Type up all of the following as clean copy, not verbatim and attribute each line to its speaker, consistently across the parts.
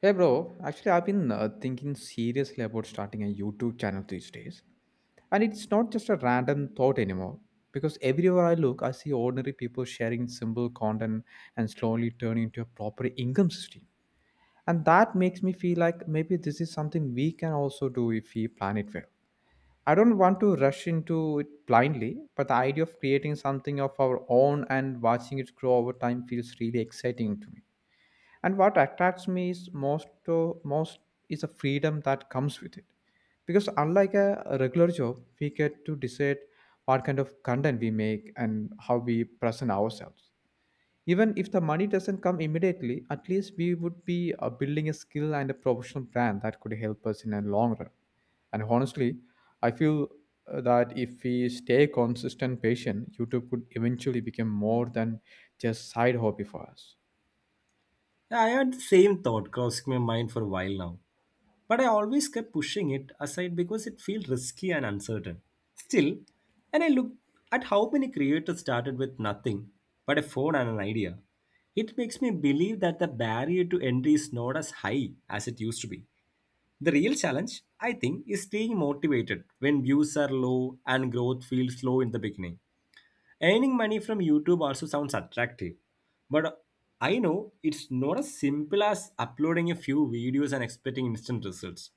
Speaker 1: Hey bro, actually I've been thinking seriously about starting a YouTube channel these days. And it's not just a random thought anymore because everywhere I look I see ordinary people sharing simple content and slowly turning into a proper income system. And that makes me feel like maybe this is something we can also do if we plan it well. I don't want to rush into it blindly, but the idea of creating something of our own and watching it grow over time feels really exciting to me. And what attracts me is most to most is the freedom that comes with it. Because unlike a regular job, we get to decide what kind of content we make and how we present ourselves. Even if the money doesn't come immediately, at least we would be building a skill and a professional brand that could help us in a long run. And honestly, I feel that if we stay consistent patient, YouTube could eventually become more than just side hobby for us.
Speaker 2: Yeah, I had the same thought crossing my mind for a while now, but I always kept pushing it aside because it felt risky and uncertain. Still, and I looked at how many creators started with nothing but a phone and an idea. It makes me believe that the barrier to entry is not as high as it used to be. The real challenge, I think, is staying motivated when views are low and growth feels slow in the beginning. Earning money from YouTube also sounds attractive, but I know it's not as simple as uploading a few videos and expecting instant results.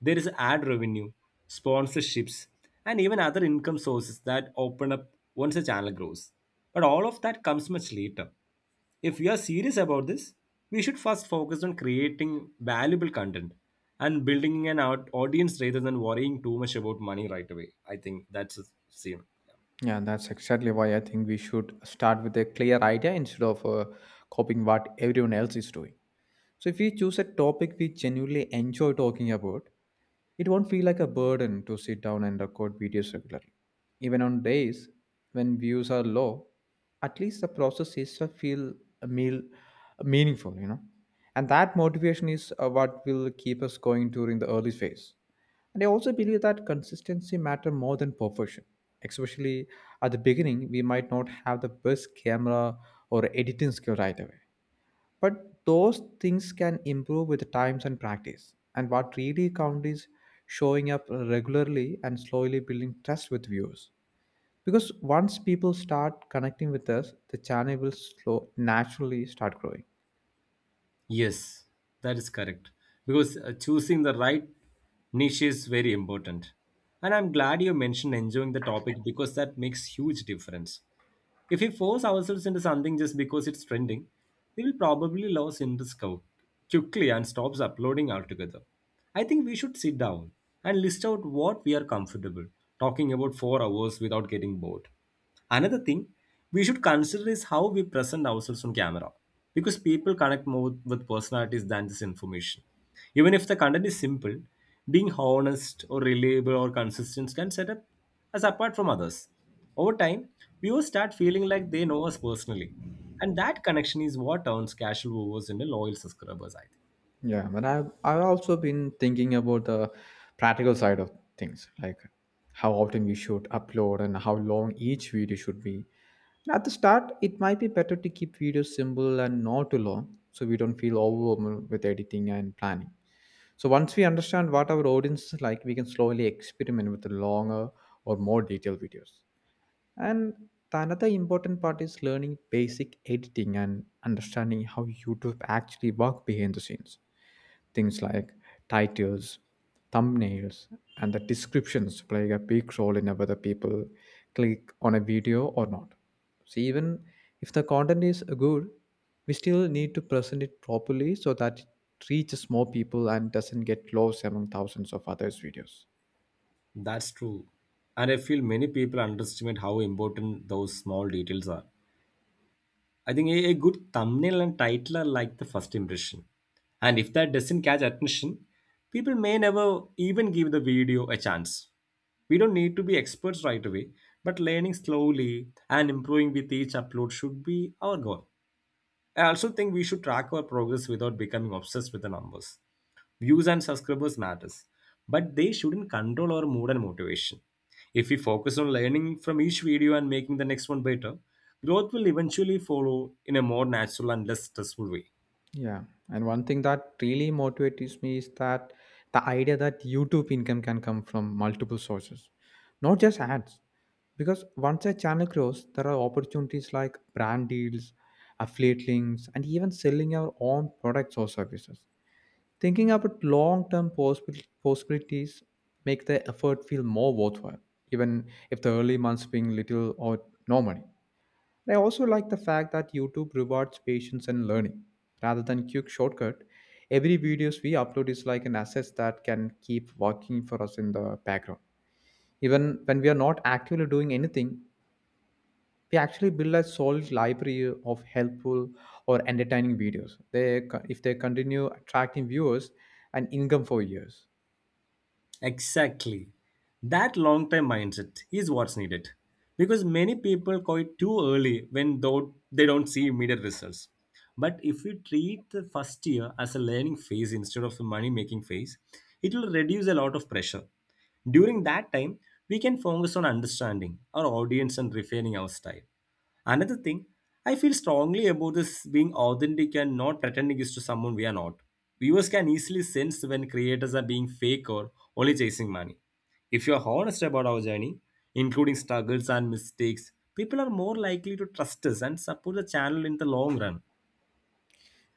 Speaker 2: There is ad revenue, sponsorships, and even other income sources that open up once a channel grows. But all of that comes much later. If we are serious about this, we should first focus on creating valuable content and building an audience rather than worrying too much about money right away. I think that's the same.
Speaker 1: Yeah, that's exactly why I think we should start with a clear idea instead of copying what everyone else is doing. So if we choose a topic we genuinely enjoy talking about, it won't feel like a burden to sit down and record videos regularly. Even on days when views are low, at least the process is to feel a meal meaningful. And that motivation is what will keep us going during the early phase. And I also believe that consistency matter more than perfection. Especially at the beginning, we might not have the best camera or editing skill right away, but those things can improve with times and practice. And what really counts is showing up regularly and slowly building trust with viewers. Because once people start connecting with us, the channel will slow naturally start growing.
Speaker 2: Yes, that is correct. Because choosing the right niche is very important. And I'm glad you mentioned enjoying the topic because that makes huge difference. If we force ourselves into something just because it's trending, we will probably lose interest quickly and stops uploading altogether. I think we should sit down and list out what we are comfortable talking about for hours without getting bored. Another thing we should consider is how we present ourselves on camera because people connect more with personalities than just information. Even if the content is simple, being honest or reliable or consistent can set up us apart from others. Over time, viewers start feeling like they know us personally. And that connection is what turns casual viewers into loyal subscribers, I think.
Speaker 1: Yeah, but I've also been thinking about the practical side of things, like how often we should upload and how long each video should be. At the start, it might be better to keep videos simple and not too long, so we don't feel overwhelmed with editing and planning. So once we understand what our audience is like, we can slowly experiment with longer or more detailed videos. And the another important part is learning basic editing and understanding how YouTube actually work behind the scenes. Things like titles, thumbnails, and the descriptions play a big role in whether people click on a video or not. So even if the content is good, we still need to present it properly so that it reaches more people and doesn't get lost among thousands of others' videos.
Speaker 2: That's true. And I feel many people underestimate how important those small details are. I think a good thumbnail and title are like the first impression. And if that doesn't catch attention, people may never even give the video a chance. We don't need to be experts right away, but learning slowly and improving with each upload should be our goal. I also think we should track our progress without becoming obsessed with the numbers. Views and subscribers matters, but they shouldn't control our mood and motivation. If we focus on learning from each video and making the next one better, growth will eventually follow in a more natural and less stressful way.
Speaker 1: Yeah, and one thing that really motivates me is that the idea that YouTube income can come from multiple sources, not just ads. Because once a channel grows, there are opportunities like brand deals, affiliate links, and even selling your own products or services. Thinking about long term possibilities make the effort feel more worthwhile, even if the early months bring little or no money. And I also like the fact that YouTube rewards patience and learning. Rather than quick shortcut, every videos we upload is like an asset that can keep working for us in the background. Even when we are not actively doing anything, we actually build a solid library of helpful or entertaining videos. If they continue attracting viewers and income for years.
Speaker 2: Exactly. That long term mindset is what's needed because many people quit too early when though they don't see immediate results. But if we treat the first year as a learning phase instead of a money making phase, it will reduce a lot of pressure. During that time, we can focus on understanding our audience and refining our style. Another thing, I feel strongly about this being authentic and not pretending is to someone we are not. Viewers can easily sense when creators are being fake or only chasing money. If you are honest about our journey, including struggles and mistakes, people are more likely to trust us and support the channel in the long run.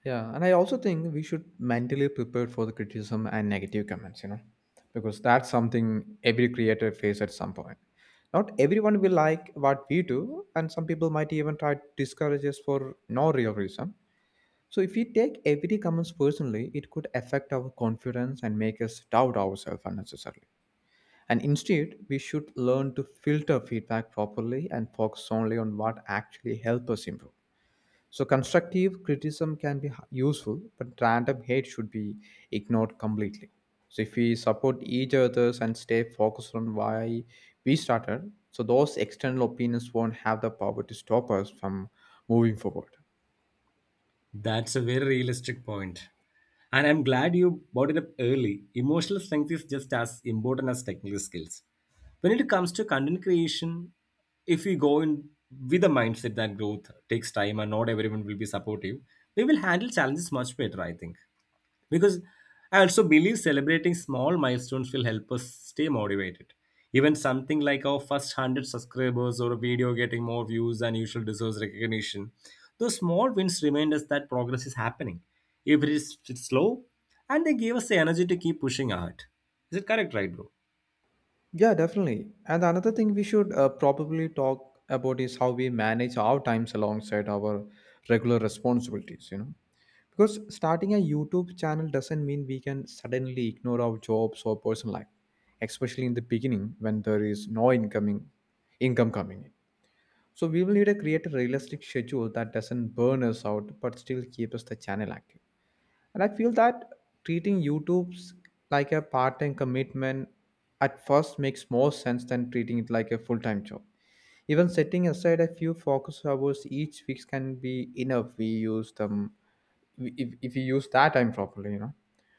Speaker 1: Yeah, and I also think we should mentally prepare for the criticism and negative comments, because that's something every creator faces at some point. Not everyone will like what we do, and some people might even try to discourage us for no real reason. So if we take every comments personally, it could affect our confidence and make us doubt ourselves unnecessarily. And instead, we should learn to filter feedback properly and focus only on what actually helps us improve. So constructive criticism can be useful, but random hate should be ignored completely. So if we support each others and stay focused on why we started, so those external opinions won't have the power to stop us from moving forward.
Speaker 2: That's a very realistic point. And I'm glad you brought it up early. Emotional strength is just as important as technical skills. When it comes to content creation, if we go in with a mindset that growth takes time and not everyone will be supportive, we will handle challenges much better, I think. Because I also believe celebrating small milestones will help us stay motivated. Even something like our first 100 subscribers or a video getting more views than usual deserves recognition. Those small wins remind us that progress is happening, if it is it's slow, and they give us the energy to keep pushing ahead. Is it correct, right, bro?
Speaker 1: Yeah, definitely. And another thing we should probably talk about is how we manage our times alongside our regular responsibilities. Because starting a YouTube channel doesn't mean we can suddenly ignore our jobs or personal life, especially in the beginning when there is no incoming income coming in. So we will need to create a realistic schedule that doesn't burn us out but still keep us the channel active. And I feel that treating YouTube's like a part-time commitment at first makes more sense than treating it like a full-time job. Even setting aside a few focus hours each week can be enough. We use them if we use that time properly.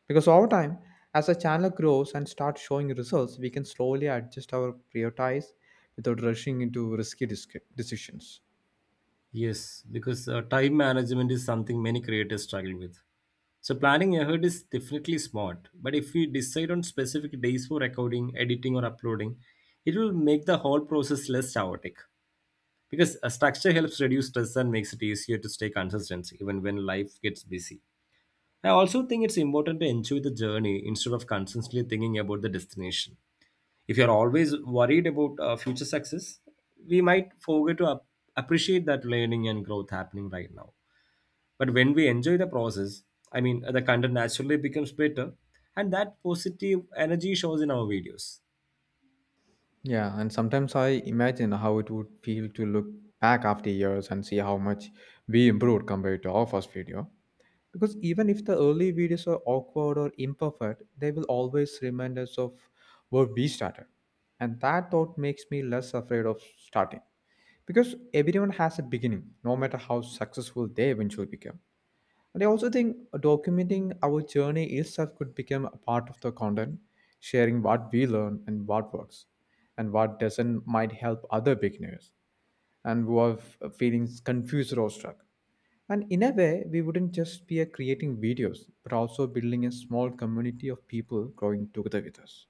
Speaker 1: Because over time, as the channel grows and starts showing results, we can slowly adjust our prioritize without rushing into risky decisions.
Speaker 2: Yes, because time management is something many creators struggle with. So planning ahead is definitely smart, but if we decide on specific days for recording, editing, or uploading, it will make the whole process less chaotic. Because a structure helps reduce stress and makes it easier to stay consistent even when life gets busy. I also think it's important to enjoy the journey instead of constantly thinking about the destination. If you're always worried about future success, we might forget to appreciate that learning and growth happening right now. But when we enjoy the process, I mean, the content naturally becomes better, and that positive energy shows in our videos.
Speaker 1: Yeah, and sometimes I imagine how it would feel to look back after years and see how much we improved compared to our first video. Because even if the early videos are awkward or imperfect, they will always remind us of where we started. And that thought makes me less afraid of starting. Because everyone has a beginning, no matter how successful they eventually become. And I also think documenting our journey itself could become a part of the content, sharing what we learn and what works, and what doesn't might help other beginners and who are feeling confused or stuck. And in a way, we wouldn't just be creating videos, but also building a small community of people growing together with us.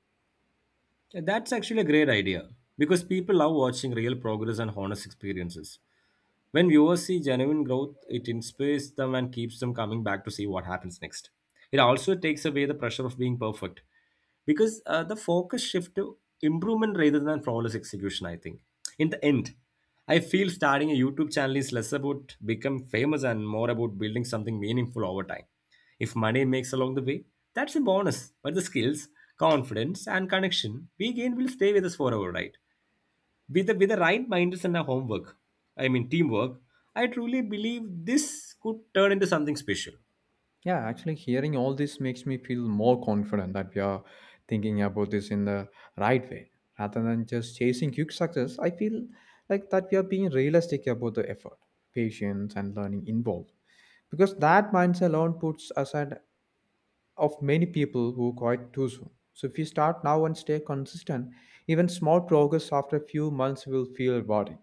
Speaker 2: That's actually a great idea because people love watching real progress and honest experiences. When viewers see genuine growth, it inspires them and keeps them coming back to see what happens next. It also takes away the pressure of being perfect because the focus shift to improvement rather than flawless execution, I think. In the end, I feel starting a YouTube channel is less about become famous and more about building something meaningful over time. If money makes along the way, that's a bonus, but the skills, confidence, and connection we gain will stay with us forever, right? With the, with the right mindset and a homework, I mean teamwork, I truly believe this could turn into something special.
Speaker 1: Yeah, actually, hearing all this makes me feel more confident that we are thinking about this in the right way. Rather than just chasing quick success, I feel like that we are being realistic about the effort, patience, and learning involved. Because that mindset alone puts us at of many people who quit too soon. So if you start now and stay consistent, even small progress after a few months will feel rewarding.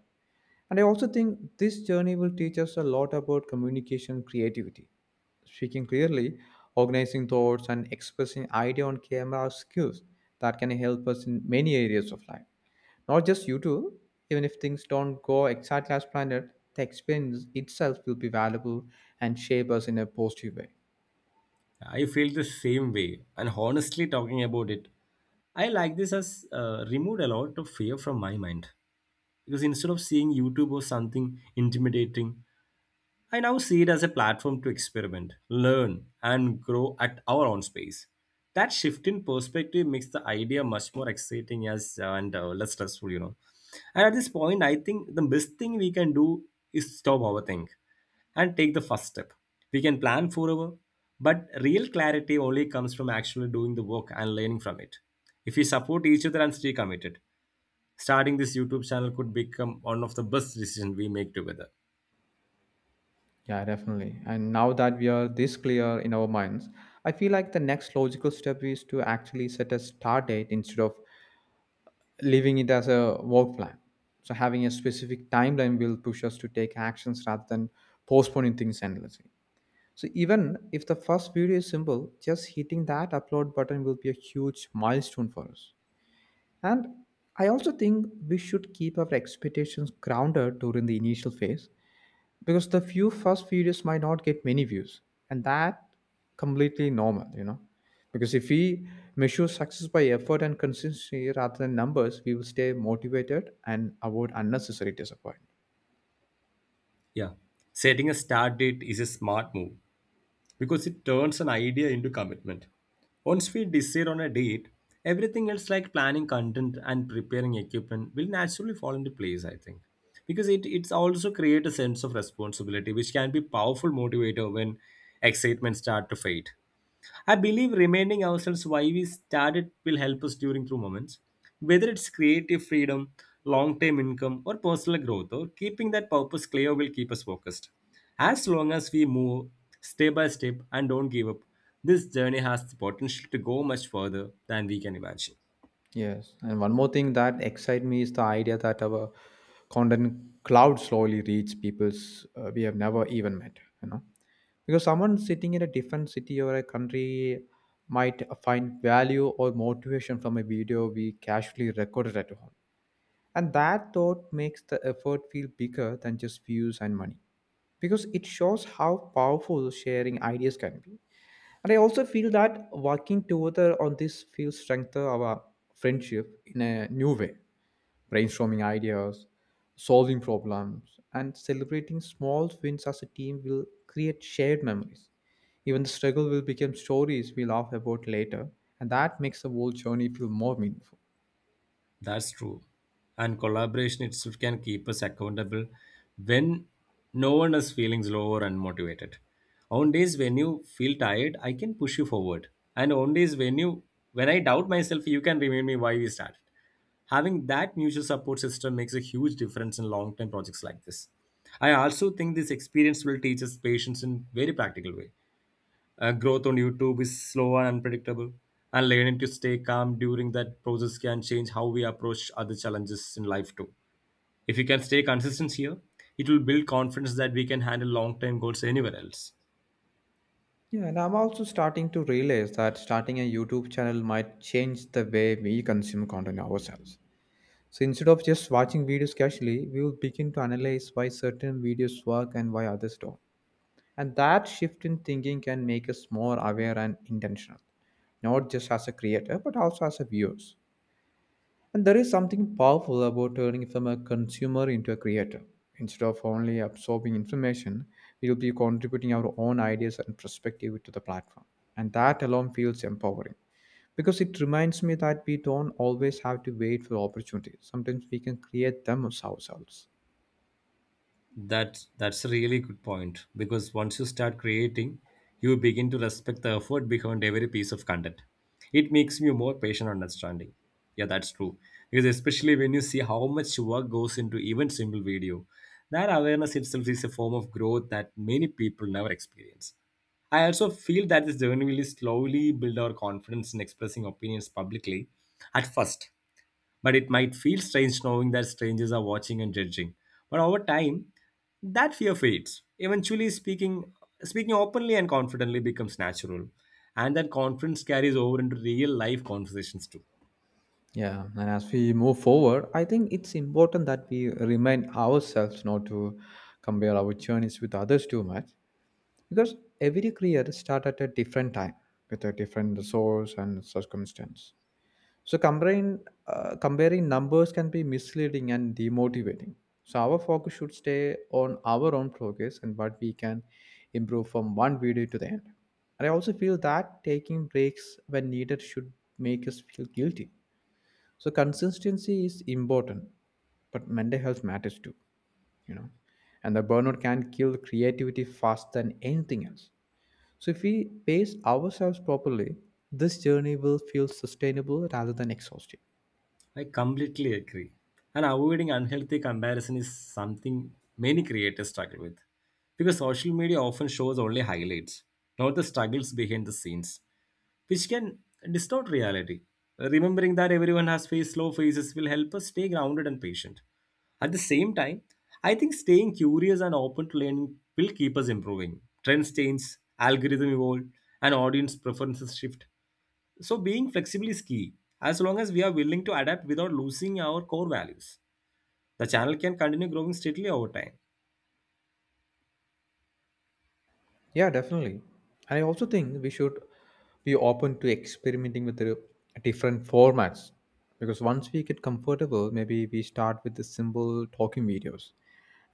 Speaker 1: And I also think this journey will teach us a lot about communication and creativity. Speaking clearly, organizing thoughts, and expressing idea on camera are skills that can help us in many areas of life. Not just YouTube, even if things don't go exactly as planned, the experience itself will be valuable and shape us in a positive way.
Speaker 2: I feel the same way, and honestly talking about it, I like this has removed a lot of fear from my mind. Because instead of seeing youtube or something intimidating, I now see it as a platform to experiment, learn, and grow at our own space. That shift in perspective makes the idea much more exciting as and less stressful. And at this point, I think the best thing we can do is stop overthink and take the first step. We can plan forever, but real clarity only comes from actually doing the work and learning from it. If we support each other and stay committed, starting this YouTube channel could become one of the best decisions we make together.
Speaker 1: Yeah, definitely. And now that we are this clear in our minds, I feel like the next logical step is to actually set a start date instead of leaving it as a work plan. So having a specific timeline will push us to take actions rather than postponing things endlessly. So even if the first video is simple, just hitting that upload button will be a huge milestone for us. And I also think we should keep our expectations grounded during the initial phase, because the few first videos might not get many views, and that completely normal, because if we measure success by effort and consistency rather than numbers, we will stay motivated and avoid unnecessary disappointment.
Speaker 2: Yeah. Setting a start date is a smart move because it turns an idea into commitment. Once we decide on a date, everything else like planning content and preparing equipment will naturally fall into place, I think. Because it's also create a sense of responsibility, which can be powerful motivator when excitement start to fade. I believe reminding ourselves why we started will help us during through moments, whether it's creative freedom, long term income, or personal growth, or keeping that purpose clear will keep us focused. As long as we move step by step and don't give up, this journey has the potential to go much further than we can imagine.
Speaker 1: Yes, and one more thing that excites me is the idea that our content cloud slowly reach people's we have never even met, because someone sitting in a different city or a country might find value or motivation from a video we casually recorded at home. And that thought makes the effort feel bigger than just views and money, because it shows how powerful sharing ideas can be. And I also feel that working together on this will strengthen our friendship in a new way. Brainstorming ideas, solving problems, and celebrating small wins as a team will create shared memories. Even the struggle will become stories we laugh about later, and that makes the whole journey feel more meaningful.
Speaker 2: That's true. And collaboration itself can keep us accountable when no one is feeling low or unmotivated. On days when you feel tired, I can push you forward. And on days when I doubt myself, you can remind me why we started. Having that mutual support system makes a huge difference in long-term projects like this. I also think this experience will teach us patience in very practical way. Growth on YouTube is slow and unpredictable, and learning to stay calm during that process can change how we approach other challenges in life too. If we can stay consistent here, it will build confidence that we can handle long term goals anywhere else.
Speaker 1: Yeah, and I'm also starting to realize that starting a YouTube channel might change the way we consume content ourselves. So instead of just watching videos casually, we will begin to analyze why certain videos work and why others don't. And that shift in thinking can make us more aware and intentional, not just as a creator, but also as a viewers. And there is something powerful about turning from a consumer into a creator. Instead of only absorbing information, we will be contributing our own ideas and perspective to the platform. And that alone feels empowering, because it reminds me that we don't always have to wait for opportunities. Sometimes we can create them ourselves.
Speaker 2: That's a really good point because once you start creating, you begin to respect the effort behind every piece of content. It makes you more patient and understanding. Yeah, that's true. Because especially when you see how much work goes into even simple video, that awareness itself is a form of growth that many people never experience. I also feel that this journey will slowly build our confidence in expressing opinions publicly at first, but it might feel strange knowing that strangers are watching and judging. But over time, that fear fades. Eventually, speaking openly and confidently becomes natural, and that confidence carries over into real life conversations too.
Speaker 1: Yeah, and as we move forward, I think it's important that we remind ourselves not to compare our journeys with others too much. Because every creator start at a different time with a different resource and circumstance, so comparing numbers can be misleading and demotivating, so our focus should stay on our own progress and what we can improve from one video to the end. And I also feel that taking breaks when needed should make us feel guilty, so consistency is important, but mental health matters too, you know. And the burnout can kill creativity faster than anything else. So, if we pace ourselves properly, this journey will feel sustainable rather than exhausting.
Speaker 2: I completely agree. And avoiding unhealthy comparison is something many creators struggle with because social media often shows only highlights, not the struggles behind the scenes, which can distort reality. Remembering that everyone has faced slow phases will help us stay grounded and patient. At the same time, I think staying curious and open to learning will keep us improving. Trends change, algorithm evolve, and audience preferences shift. So being flexible is key, as long as we are willing to adapt without losing our core values, the channel can continue growing steadily over time.
Speaker 1: Yeah, definitely. And I also think we should be open to experimenting with the different formats, because once we get comfortable, maybe we start with the simple talking videos,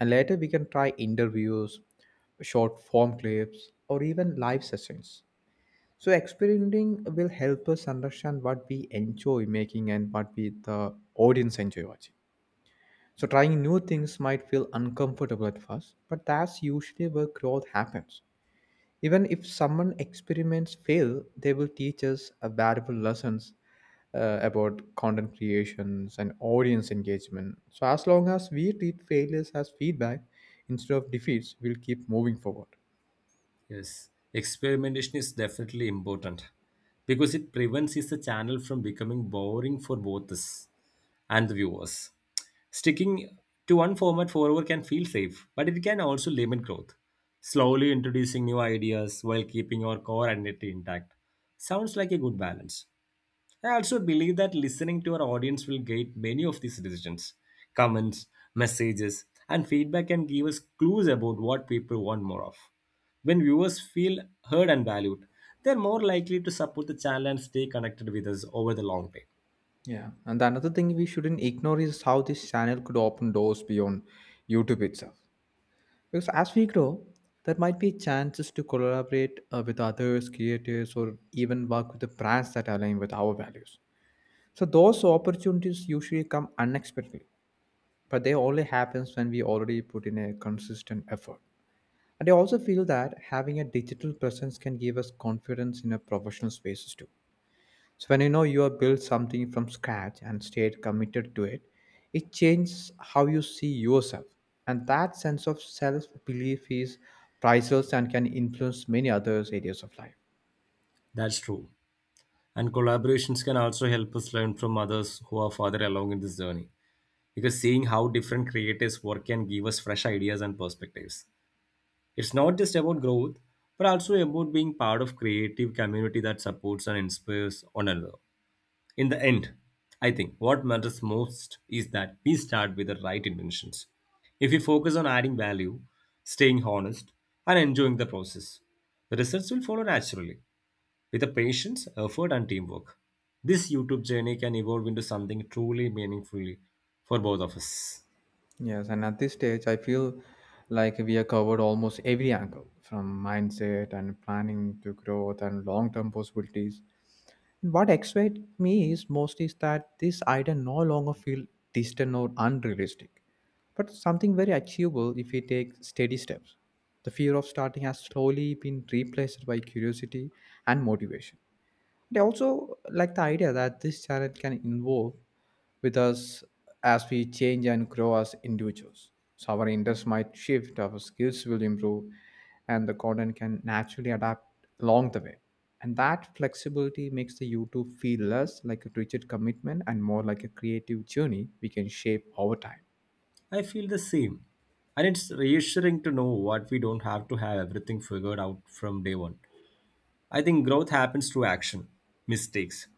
Speaker 1: and later we can try interviews, short form clips, or even live sessions. So, experimenting will help us understand what we enjoy making and what we the audience enjoy watching. So trying new things might feel uncomfortable at first, but that's usually where growth happens. Even if someone experiments fail, they will teach us a valuable lessons about content creations and audience engagement. So as long as we treat failures as feedback instead of defeats, we'll keep moving forward.
Speaker 2: Yes, experimentation is definitely important because it prevents the channel from becoming boring for both us and the viewers. Sticking to one format forever can feel safe, but it can also limit growth, slowly introducing new ideas while keeping your core identity intact. Sounds like a good balance. I also believe that listening to our audience will guide many of these decisions. Comments, messages, and feedback can give us clues about what people want more of. When viewers feel heard and valued, they're more likely to support the channel and stay connected with us over the long term.
Speaker 1: Yeah, and the another thing we shouldn't ignore is how this channel could open doors beyond YouTube itself. Because as we grow, there might be chances to collaborate with others, creators, or even work with the brands that align with our values. So those opportunities usually come unexpectedly, but they only happens when we already put in a consistent effort. And I also feel that having a digital presence can give us confidence in our professional spaces too, so when you know you have built something from scratch and stayed committed to it, it changes how you see yourself. And that sense of self belief is priceless and can influence many other areas of life.
Speaker 2: That's true. And collaborations can also help us learn from others who are farther along in this journey. Because seeing how different creators work can give us fresh ideas and perspectives. It's not just about growth, but also about being part of creative community that supports and inspires one another. In the end, I think what matters most is that we start with the right intentions. If we focus on adding value, staying honest, and enjoying the process, the results will follow naturally with the patience, effort, and teamwork. This YouTube journey can evolve into something truly meaningful for both of us.
Speaker 1: Yes, and at this stage, I feel like we have covered almost every angle from mindset and planning to growth and long term possibilities. And what excites me is most is that this idea no longer feels distant or unrealistic, but something very achievable if we take steady steps. The fear of starting has slowly been replaced by curiosity and motivation. They also like the idea that this channel can involve with us as we change and grow as individuals. So our interests might shift, our skills will improve, and the content can naturally adapt along the way. And that flexibility makes the YouTube feel less like a rigid commitment and more like a creative journey we can shape over time.
Speaker 2: I feel the same. And it's reassuring to know what we don't have to have everything figured out from day one. I think growth happens through action, mistakes,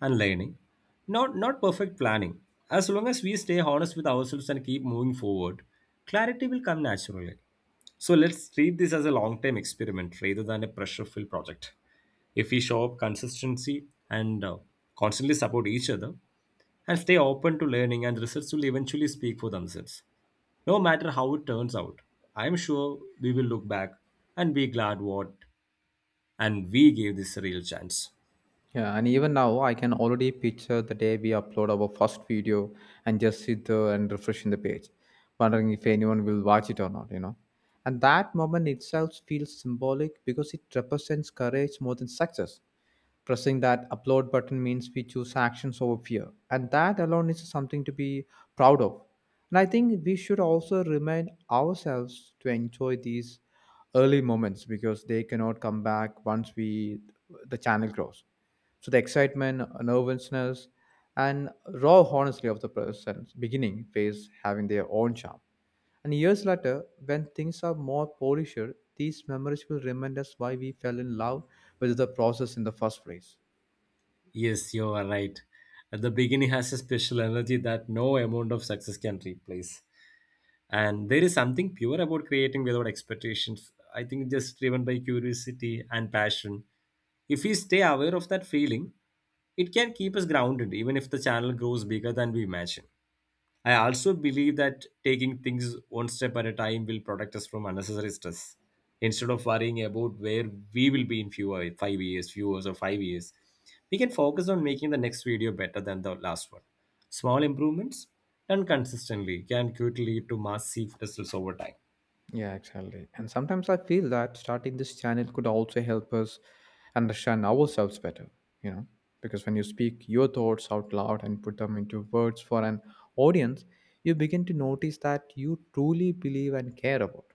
Speaker 2: and learning. Not perfect planning. As long as we stay honest with ourselves and keep moving forward, clarity will come naturally. So let's treat this as a long-term experiment rather than a pressure-filled project. If we show up consistency and constantly support each other and stay open to learning, and results will eventually speak for themselves no matter how it turns out. I'm sure we will look back and be glad what and we gave this a real chance.
Speaker 1: Yeah, and even now I can already picture the day we upload our first video and just sit there and refreshing the page, wondering if anyone will watch it or not, you know. And that moment itself feels symbolic because it represents courage more than success. Pressing that upload button means we choose actions over fear, and that alone is something to be proud of. And I think we should also remind ourselves to enjoy these early moments because they cannot come back once we the channel grows. So the excitement, nervousness, and raw honesty of the person's beginning phase having their own charm. And years later, when things are more polished, these memories will remind us why we fell in love with the process in the first place.
Speaker 2: Yes, you are right. At the beginning has a special energy that no amount of success can replace. And there is something pure about creating without expectations. I think just driven by curiosity and passion. If we stay aware of that feeling, it can keep us grounded even if the channel grows bigger than we imagine. I also believe that taking things one step at a time will protect us from unnecessary stress. Instead of worrying about where we will be in few 5 years, few years, or 5 years, we can focus on making the next video better than the last one. Small improvements done consistently can quickly lead to massive results over time.
Speaker 1: Yeah, exactly. And sometimes I feel that starting this channel could also help us understand ourselves better, you know, because when you speak your thoughts out loud and put them into words for an audience, you begin to notice that you truly believe and care about.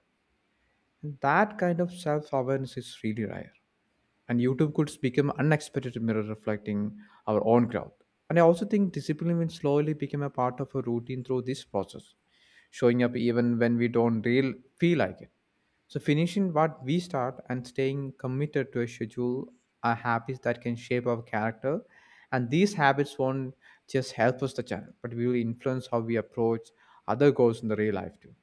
Speaker 1: And that kind of self awareness is really rare. And YouTube could become an unexpected mirror reflecting our own growth. And I also think discipline will slowly become a part of a routine through this process, showing up even when we don't real feel like it, so finishing what we start and staying committed to a schedule are habits that can shape our character. And these habits won't just help us the channel, but will influence how we approach other goals in the real life too.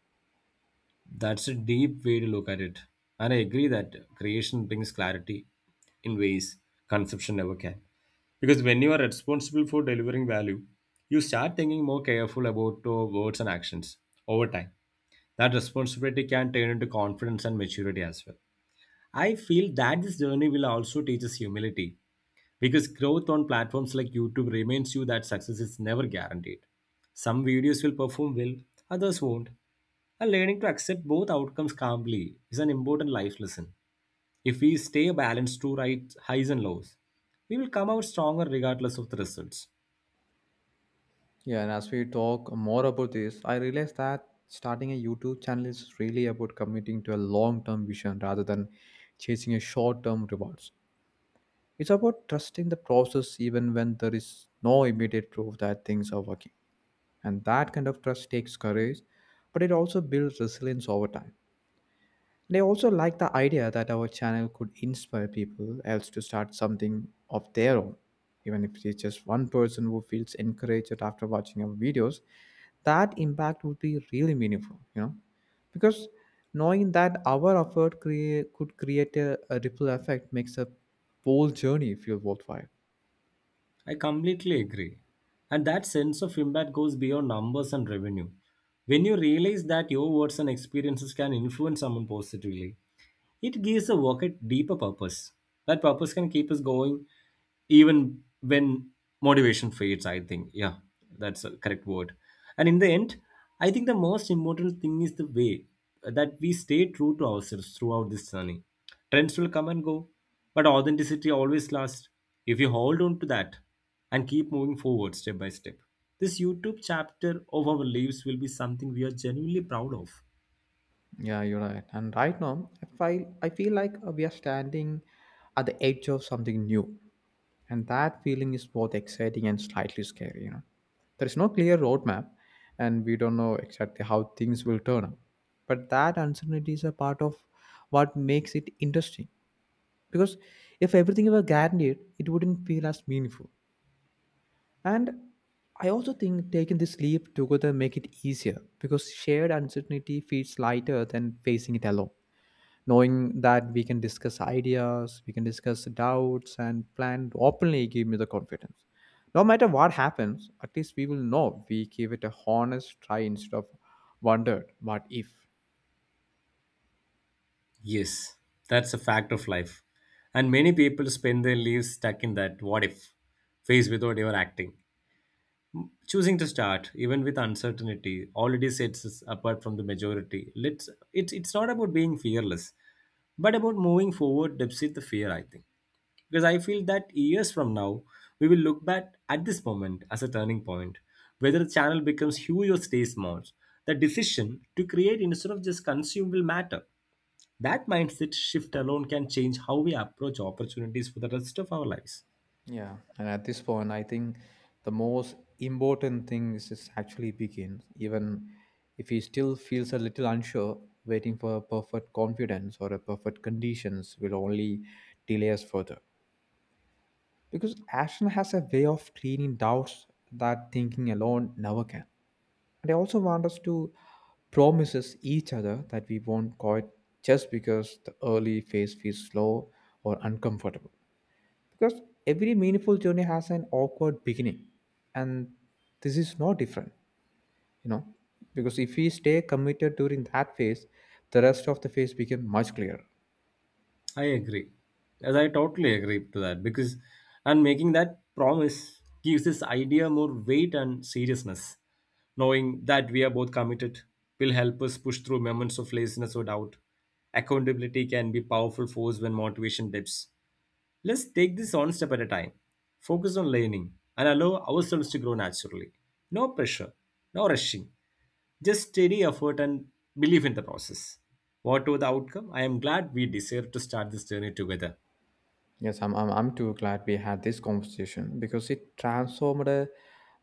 Speaker 2: That's a deep way to look at it. And I agree that creation brings clarity in ways conception never can. Because when you are responsible for delivering value, you start thinking more careful about your words and actions over time. That responsibility can turn into confidence and maturity as well. I feel that this journey will also teach us humility because growth on platforms like YouTube reminds you that success is never guaranteed. Some videos will perform well, others won't. And learning to accept both outcomes calmly is an important life lesson. If we stay balanced through right highs and lows, we will come out stronger regardless of the results.
Speaker 1: Yeah, and as we talk more about this, I realized that starting a YouTube channel is really about committing to a long term vision rather than chasing a short term rewards. It's about trusting the process even when there is no immediate proof that things are working. And that kind of trust takes courage, but it also builds resilience over time. And I also like the idea that our channel could inspire people else to start something of their own. Even if it's just one person who feels encouraged after watching our videos, that impact would be really meaningful, you know? Because knowing that our could create a ripple effect makes a whole journey feel worthwhile.
Speaker 2: I completely agree. And that sense of impact goes beyond numbers and revenue. When you realize that your words and experiences can influence someone positively, it gives the work a deeper purpose. That purpose can keep us going even when motivation fades, I think. Yeah, that's a correct word. And in the end, I think the most important thing is the way that we stay true to ourselves throughout this journey. Trends will come and go, but authenticity always lasts if you hold on to that and keep moving forward step by step. This YouTube chapter of our lives will be something we are genuinely proud of.
Speaker 1: Yeah, you're right. And right now, I feel like we are standing at the edge of something new, and that feeling is both exciting and slightly scary. You know, there is no clear roadmap, and we don't know exactly how things will turn out. But that uncertainty is a part of what makes it interesting, because if everything were guaranteed, it wouldn't feel as meaningful. And I also think taking this leap together make it easier because shared uncertainty feels lighter than facing it alone, knowing that we can discuss doubts and plan openly gave me the confidence. No matter what happens, at least we will know we gave it a honest try instead of wondered what if.
Speaker 2: Yes, that's a fact of life. And many people spend their lives stuck in that what if phase without ever acting. Choosing to start, even with uncertainty, already sets us apart from the majority. Let's it's not about being fearless, but about moving forward despite the fear, I think. Because I feel that years from now, we will look back at this moment as a turning point. Whether the channel becomes huge or stays small, the decision to create instead of just consume will matter. That mindset shift alone can change how we approach opportunities for the rest of our lives.
Speaker 1: Yeah, and at this point I think the most important thing is just actually begin, even if he still feels a little unsure. Waiting for a perfect confidence or a perfect conditions will only delay us further, because action has a way of cleaning doubts that thinking alone never can. And I also want us to promises each other that we won't quit just because the early phase feels slow or uncomfortable. Because every meaningful journey has an awkward beginning, and this is no different, you know. Because if we stay committed during that phase, the rest of the phase becomes much clearer.
Speaker 2: I agree. As I totally agree to that, because and making that promise gives this idea more weight and seriousness. Knowing that we are both committed will help us push through moments of laziness or doubt. Accountability can be powerful force when motivation dips. Let's take this one step at a time, focus on learning, and allow ourselves to grow naturally. No pressure, no rushing, just steady effort and believe in the process. Whatever the outcome, I am glad we deserve to start this journey together.
Speaker 1: Yes, I'm too glad we had this conversation because it transformed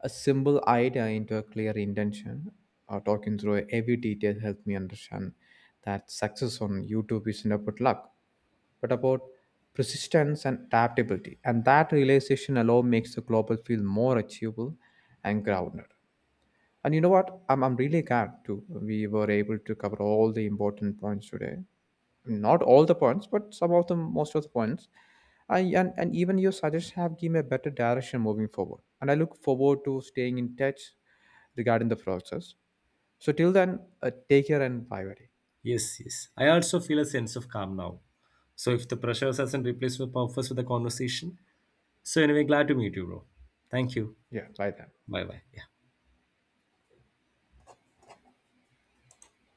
Speaker 1: a simple idea into a clear intention. Talking through every detail helped me understand that success on YouTube isn't about luck, but about persistence and adaptability. And that realization alone makes the global feel more achievable and grounded. And you know what? I'm really glad too. We were able to cover all the important points today. Not all the points, but some of them, most of the points. And even your suggestions have given me a better direction moving forward. And I look forward to staying in touch regarding the process. So till then, take care and bye, buddy.
Speaker 2: Yes, yes. I also feel a sense of calm now. So if the pressure hasn't replaced the purpose with the conversation, so anyway, glad to meet you, bro. Thank you.
Speaker 1: Yeah, bye then.
Speaker 2: Bye bye. Yeah.